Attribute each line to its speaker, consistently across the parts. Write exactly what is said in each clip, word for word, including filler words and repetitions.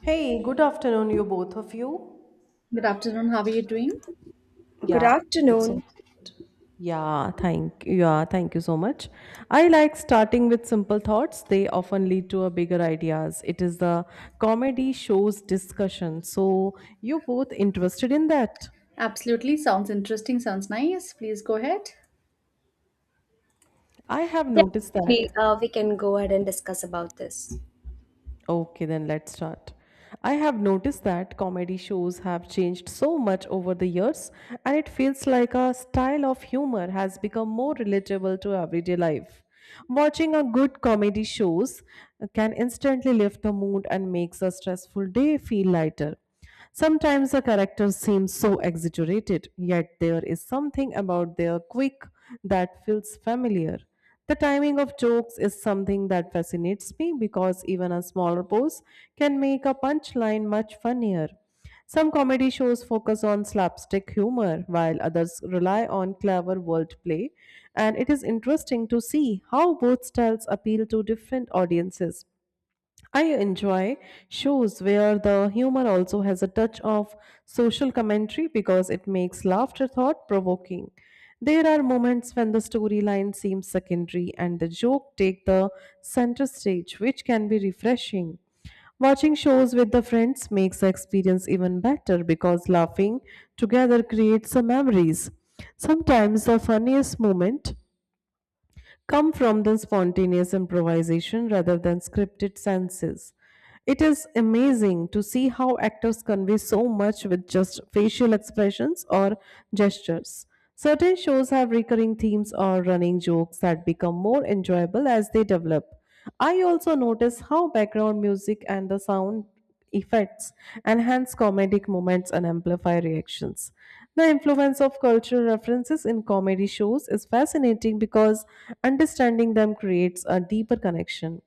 Speaker 1: Hey, good afternoon, you both of you.
Speaker 2: Good afternoon. How are you doing?
Speaker 3: Good
Speaker 1: Yeah, I'm so
Speaker 3: afternoon.
Speaker 1: good. Yeah, thank yeah, thank you so much. I like starting with simple thoughts. They often lead to a bigger ideas. It is the comedy shows discussion. So you both interested in that?
Speaker 2: Absolutely. Sounds interesting. Sounds nice. Please go ahead.
Speaker 1: I have noticed
Speaker 3: Definitely,
Speaker 1: that.
Speaker 3: uh, we can go ahead.
Speaker 1: Okay, then let's start. I have noticed that comedy shows have changed so much over the years, and it feels like a style of humor has become more relatable to everyday life. Watching a good comedy shows can instantly lift the mood and makes a stressful day feel lighter. Sometimes the characters seem so exaggerated, yet there is something about their quick that feels familiar. The timing of jokes is something that fascinates me because even a smaller pose can make a punchline much funnier. Some comedy shows focus on slapstick humor, while others rely on clever wordplay, and it is interesting to see how both styles appeal to different audiences. I enjoy shows where the humor also has a touch of social commentary because it makes laughter thought provoking. There are moments when the storyline seems secondary and the joke take the center stage, which can be refreshing. Watching shows with the friends makes the experience even better because laughing together creates some memories. Sometimes the funniest moment come from the spontaneous improvisation rather than scripted senses. It is amazing to see how actors convey so much with just facial expressions or gestures. Certain shows have recurring themes or running jokes that become more enjoyable as they develop. I also notice how background music and the sound effects, enhance comedic moments, and amplify reactions. The influence of cultural references in comedy shows is fascinating because understanding them creates a deeper connection.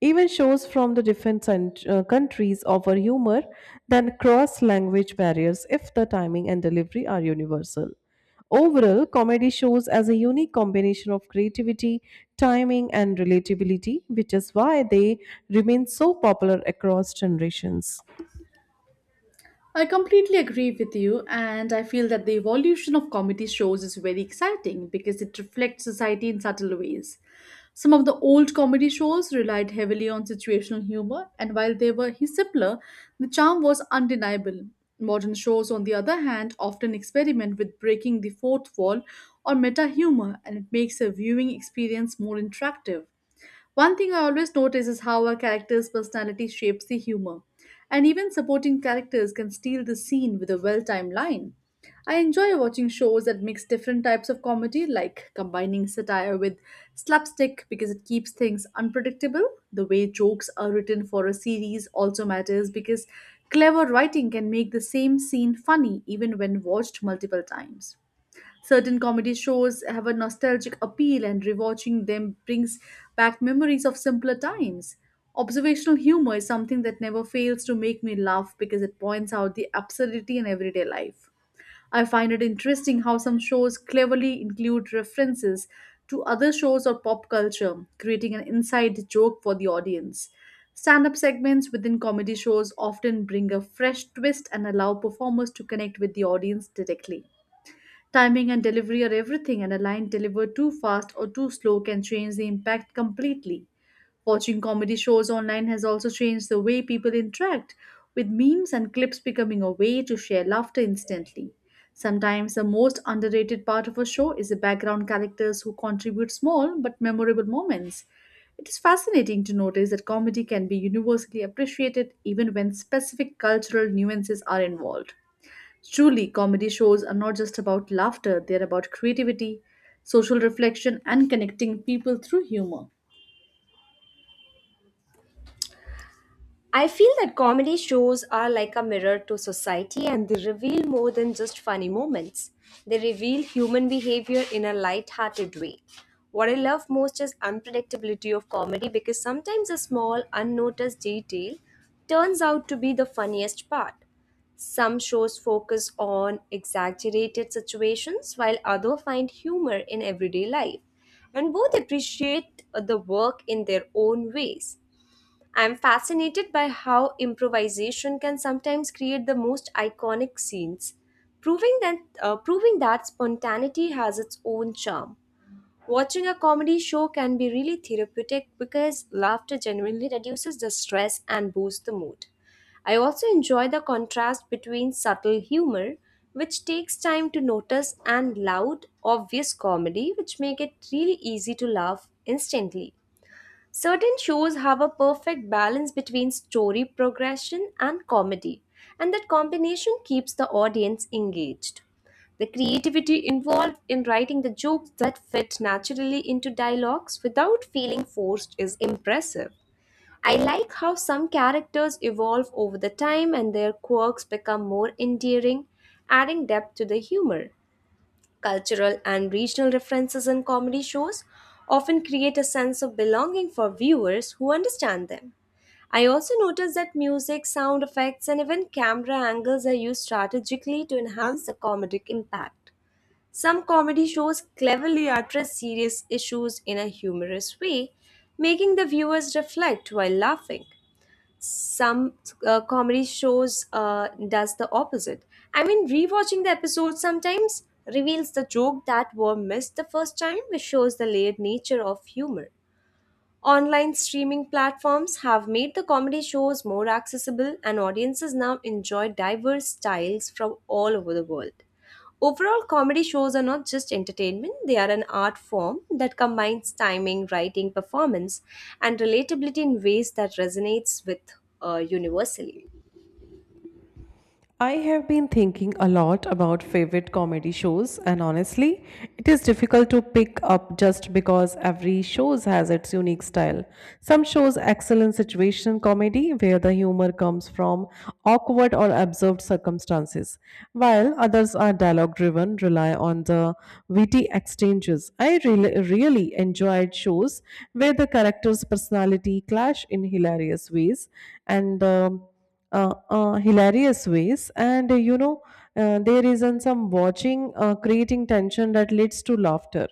Speaker 1: Even shows from the different cent- uh, countries offer humor that cross language barriers if the timing and delivery are universal. Overall, comedy shows as a unique combination of creativity, timing, and relatability, which is why they remain so popular across generations.
Speaker 2: I completely agree with you, and I feel that the evolution of comedy shows is very exciting because it reflects society in subtle ways. Some of the old comedy shows relied heavily on situational humor, and while they were simpler, the charm was undeniable. Modern shows, on the other hand, often experiment with breaking the fourth wall or meta humor, and it makes a viewing experience more interactive. One thing I always notice is how a character's personality shapes the humor, and even supporting characters can steal the scene with a well timed line. I enjoy watching shows that mix different types of comedy, like combining satire with slapstick because it keeps things unpredictable. The way jokes are written for a series also matters because clever writing can make the same scene funny even when watched multiple times. Certain comedy shows have a nostalgic appeal, and rewatching them brings back memories of simpler times. Observational humor is something that never fails to make me laugh because it points out the absurdity in everyday life. I find it interesting how some shows cleverly include references to other shows or pop culture, creating an inside joke for the audience. Stand up segments within comedy shows often bring a fresh twist and allow performers to connect with the audience directly. Timing and delivery are everything, and a line delivered too fast or too slow can change the impact completely. Watching comedy shows online has also changed the way people interact, with memes and clips becoming a way to share laughter instantly. Sometimes the most underrated part of a show is the background characters who contribute small but memorable moments. It is fascinating to notice that comedy can be universally appreciated even when specific cultural nuances are involved. Truly, comedy shows are not just about laughter, they're about creativity, social reflection, and connecting people through humor.
Speaker 3: I feel that comedy shows are like a mirror to society, and they reveal more than just funny moments. They reveal human behavior in a light-hearted way. What I love most is unpredictability of comedy, because sometimes a small, unnoticed detail turns out to be the funniest part. Some shows focus on exaggerated situations while others find humor in everyday life, and both appreciate the work in their own ways. I'm fascinated by how improvisation can sometimes create the most iconic scenes, proving that, uh, proving that spontaneity has its own charm. Watching a comedy show can be really therapeutic because laughter genuinely reduces the stress and boosts the mood. I also enjoy the contrast between subtle humor, which takes time to notice, and loud, obvious comedy, which make it really easy to laugh instantly. Certain shows have a perfect balance between story progression and comedy, and that combination keeps the audience engaged. The creativity involved in writing the jokes that fit naturally into dialogues without feeling forced is impressive. I like how some characters evolve over the time and their quirks become more endearing, adding depth to the humor. Cultural and regional references in comedy shows often create a sense of belonging for viewers who understand them. I also noticed that music, sound effects, and even camera angles are used strategically to enhance the comedic impact. Some comedy shows cleverly address serious issues in a humorous way, making the viewers reflect while laughing some uh, comedy shows uh, does the opposite. I mean, rewatching the episode sometimes reveals the joke that were missed the first time, which shows the layered nature of humor. Online streaming platforms have made the comedy shows more accessible, and audiences now enjoy diverse styles from all over the world. Overall, comedy shows are not just entertainment, they are an art form that combines timing, writing, performance, and relatability in ways that resonates with uh, universally.
Speaker 1: I have been thinking a lot about favorite comedy shows, and honestly, it is difficult to pick up just because every show has its unique style. Some shows excel in situation comedy, where the humor comes from awkward or absurd circumstances, while others are dialogue driven, rely on the witty exchanges. I really, really enjoyed shows where the characters' personality clash in hilarious ways, and um, uh, uh, hilarious ways and uh, you know uh, there isn't some watching uh, creating tension that leads to laughter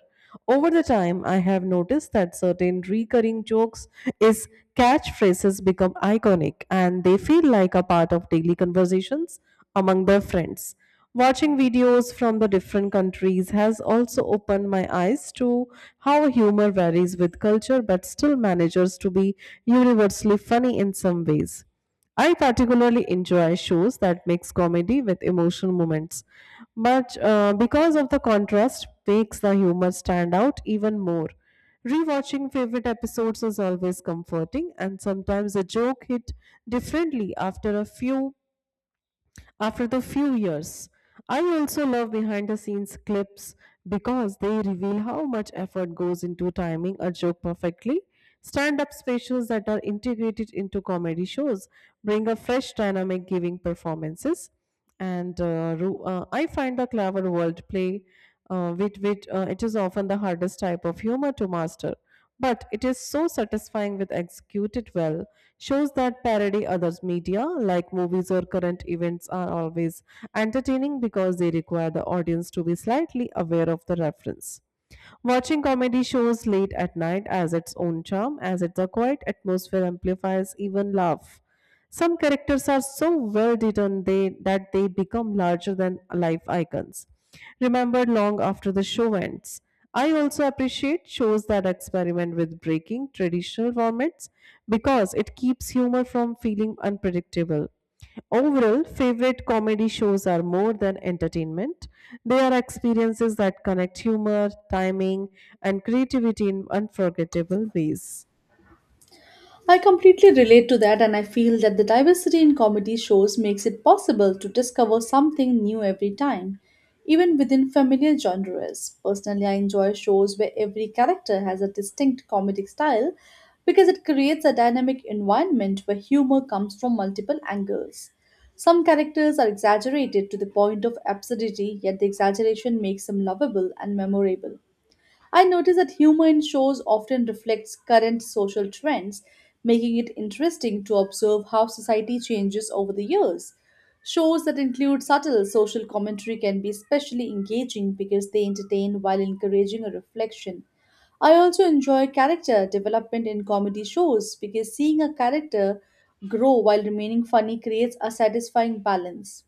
Speaker 1: over the time. I have noticed that certain recurring jokes is catchphrases become iconic and they feel like a part of daily conversations among their friends. Watching videos from the different countries has also opened my eyes to how humor varies with culture but still manages to be universally funny in some ways. I particularly enjoy shows that mix comedy with emotional moments, but uh, because of the contrast, makes the humor stand out even more. Rewatching favorite episodes is always comforting, and sometimes a joke hit differently after a few after the few years. I also love behind the scenes clips because they reveal how much effort goes into timing a joke perfectly. Stand up specials that are integrated into comedy shows bring a fresh dynamic giving performances. And uh, ru- uh, I find the clever wordplay, uh, with which uh, it is often the hardest type of humor to master, but it is so satisfying with executed well. Shows that parody others media like movies or current events are always entertaining because they require the audience to be slightly aware of the reference. Watching comedy shows late at night has its own charm, as its a quiet atmosphere amplifies even laugh. Some characters are so well written they, that they become larger than life icons, remembered long after the show ends. I also appreciate shows that experiment with breaking traditional formats because it keeps humor from feeling unpredictable. Overall, favorite comedy shows are more than entertainment. They are experiences that connect humor, timing, and creativity in unforgettable ways.
Speaker 2: I completely relate to that, and I feel that the diversity in comedy shows makes it possible to discover something new every time, even within familiar genres. Personally, I enjoy shows where every character has a distinct comedic style because it creates a dynamic environment where humor comes from multiple angles. Some characters are exaggerated to the point of absurdity, yet the exaggeration makes them lovable and memorable. I notice that humor in shows often reflects current social trends, making it interesting to observe how society changes over the years. Shows that include subtle social commentary can be especially engaging because they entertain while encouraging a reflection. I also enjoy character development in comedy shows because seeing a character grow while remaining funny creates a satisfying balance.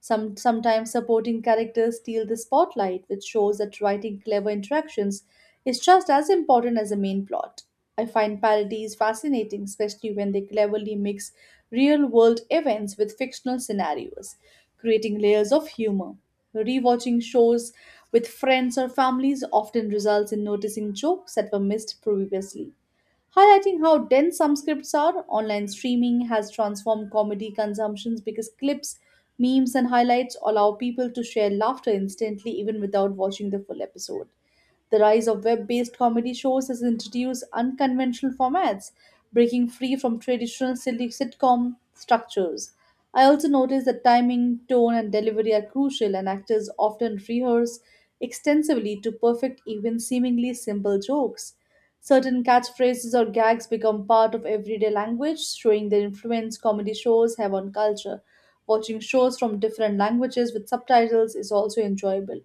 Speaker 2: Some, sometimes supporting characters steal the spotlight, which shows that writing clever interactions is just as important as the main plot. I find parodies fascinating, especially when they cleverly mix real world events with fictional scenarios, creating layers of humor. Rewatching shows with friends or families often results in noticing jokes that were missed previously, highlighting how dense some scripts are. Online streaming has transformed comedy consumptions because clips, memes, and highlights allow people to share laughter instantly even without watching the full episode. The rise of web based comedy shows has introduced unconventional formats, breaking free from traditional silly sitcom structures. I also noticed that timing, tone, and delivery are crucial, and actors often rehearse extensively to perfect even seemingly simple jokes. Certain catchphrases or gags become part of everyday language, showing the influence comedy shows have on culture. Watching shows from different languages with subtitles is also enjoyable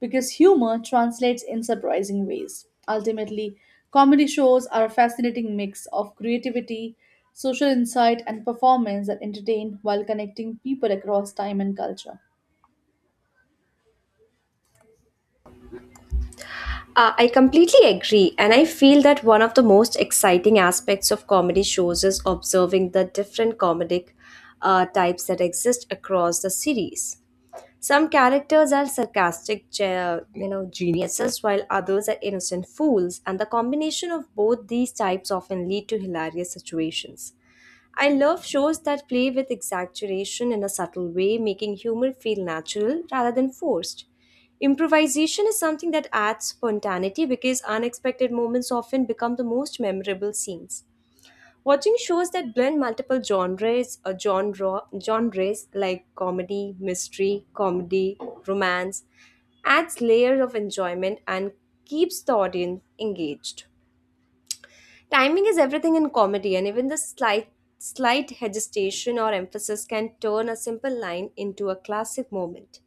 Speaker 2: because humor translates in surprising ways. Ultimately, comedy shows are a fascinating mix of creativity, social insight, and performance that entertain while connecting people across time and culture.
Speaker 3: Uh, I completely agree, and I feel that one of the most exciting aspects of comedy shows is observing the different comedic uh, types that exist across the series. Some characters are sarcastic, ge- you know, geniuses, while others are innocent fools, and the combination of both these types often lead to hilarious situations. I love shows that play with exaggeration in a subtle way, making humor feel natural rather than forced. Improvisation is something that adds spontaneity because unexpected moments often become the most memorable scenes. Watching shows that blend multiple genres or genre genres like comedy, mystery, comedy, romance adds layer of enjoyment and keeps the audience engaged. Timing is everything in comedy, and even the slight slight hesitation or emphasis can turn a simple line into a classic moment.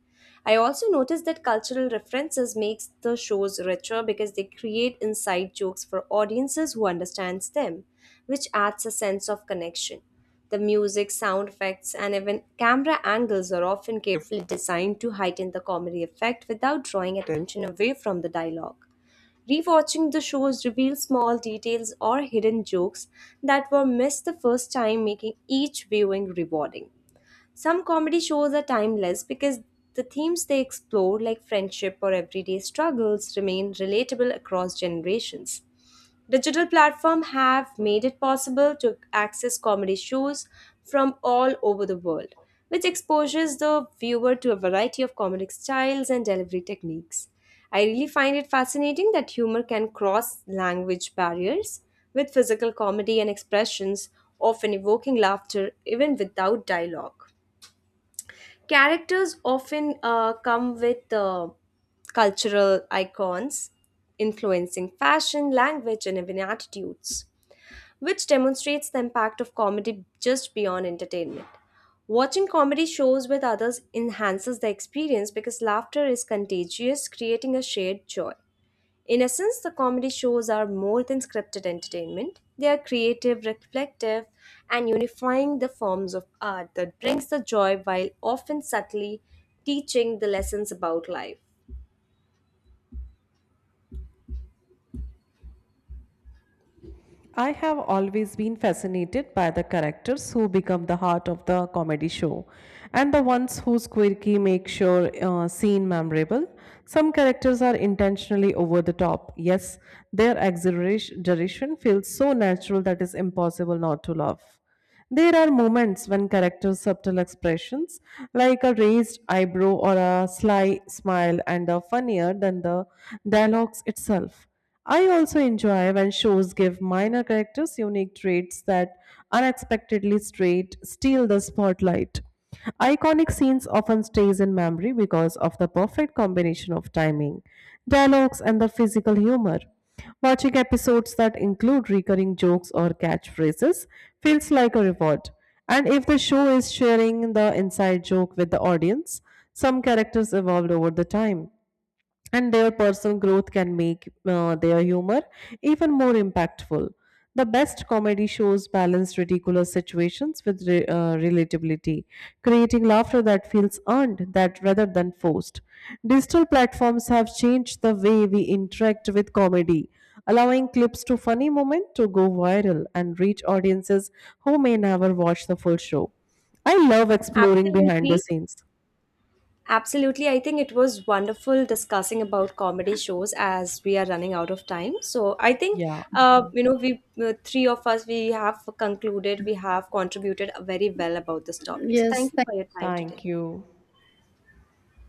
Speaker 3: I also noticed that cultural references makes the shows richer because they create inside jokes for audiences who understands them, which adds a sense of connection. The music, sound effects, and even camera angles are often carefully designed to heighten the comedy effect without drawing attention away from the dialogue. Rewatching the shows reveals small details or hidden jokes that were missed the first time, making each viewing rewarding. Some comedy shows are timeless because the themes they explore, like friendship or everyday struggles, remain relatable across generations. Digital platforms have made it possible to access comedy shows from all over the world, which exposes the viewer to a variety of comedic styles and delivery techniques. I really find it fascinating that humor can cross language barriers with physical comedy and expressions, often evoking laughter even without dialogue. Characters often uh, come with uh, cultural icons influencing fashion, language, and even attitudes, which demonstrates the impact of comedy just beyond entertainment. Watching comedy shows with others enhances the experience because laughter is contagious, creating a shared joy. In essence, the comedy shows are more than scripted entertainment. They are creative, reflective, and unifying the forms of art that brings the joy while often subtly teaching the lessons about life.
Speaker 1: I have always been fascinated by the characters who become the heart of the comedy show and the ones whose quirky make sure uh, scene memorable. Some characters are intentionally over the top. Yes, their exaggeration feels so natural that it's impossible not to laugh. There are moments when characters' subtle expressions, like a raised eyebrow or a sly smile, and are funnier than the dialogues itself. I also enjoy when shows give minor characters unique traits that unexpectedly straight steal the spotlight. Iconic scenes often stays in memory because of the perfect combination of timing, dialogues, and the physical humor. Watching episodes that include recurring jokes or catchphrases feels like a reward. And if the show is sharing the inside joke with the audience, some characters evolved over the time and their personal growth can make uh, their humor even more impactful. The best comedy shows balance ridiculous situations with re- uh, relatability, creating laughter that feels earned that rather than forced. Digital platforms have changed the way we interact with comedy, allowing clips to funny moments to go viral and reach audiences who may never watch the full show. I love exploring behind the
Speaker 3: Absolutely.
Speaker 1: scenes.
Speaker 3: Absolutely. I think it was wonderful discussing about comedy shows as we are running out of time. So I think,
Speaker 1: Yeah,
Speaker 3: uh,
Speaker 1: okay.
Speaker 3: you know, we uh, three of us, we have concluded, we have contributed very well about this topic. So
Speaker 2: Yes,
Speaker 3: thank you for your time
Speaker 1: Thank
Speaker 3: today.
Speaker 1: you.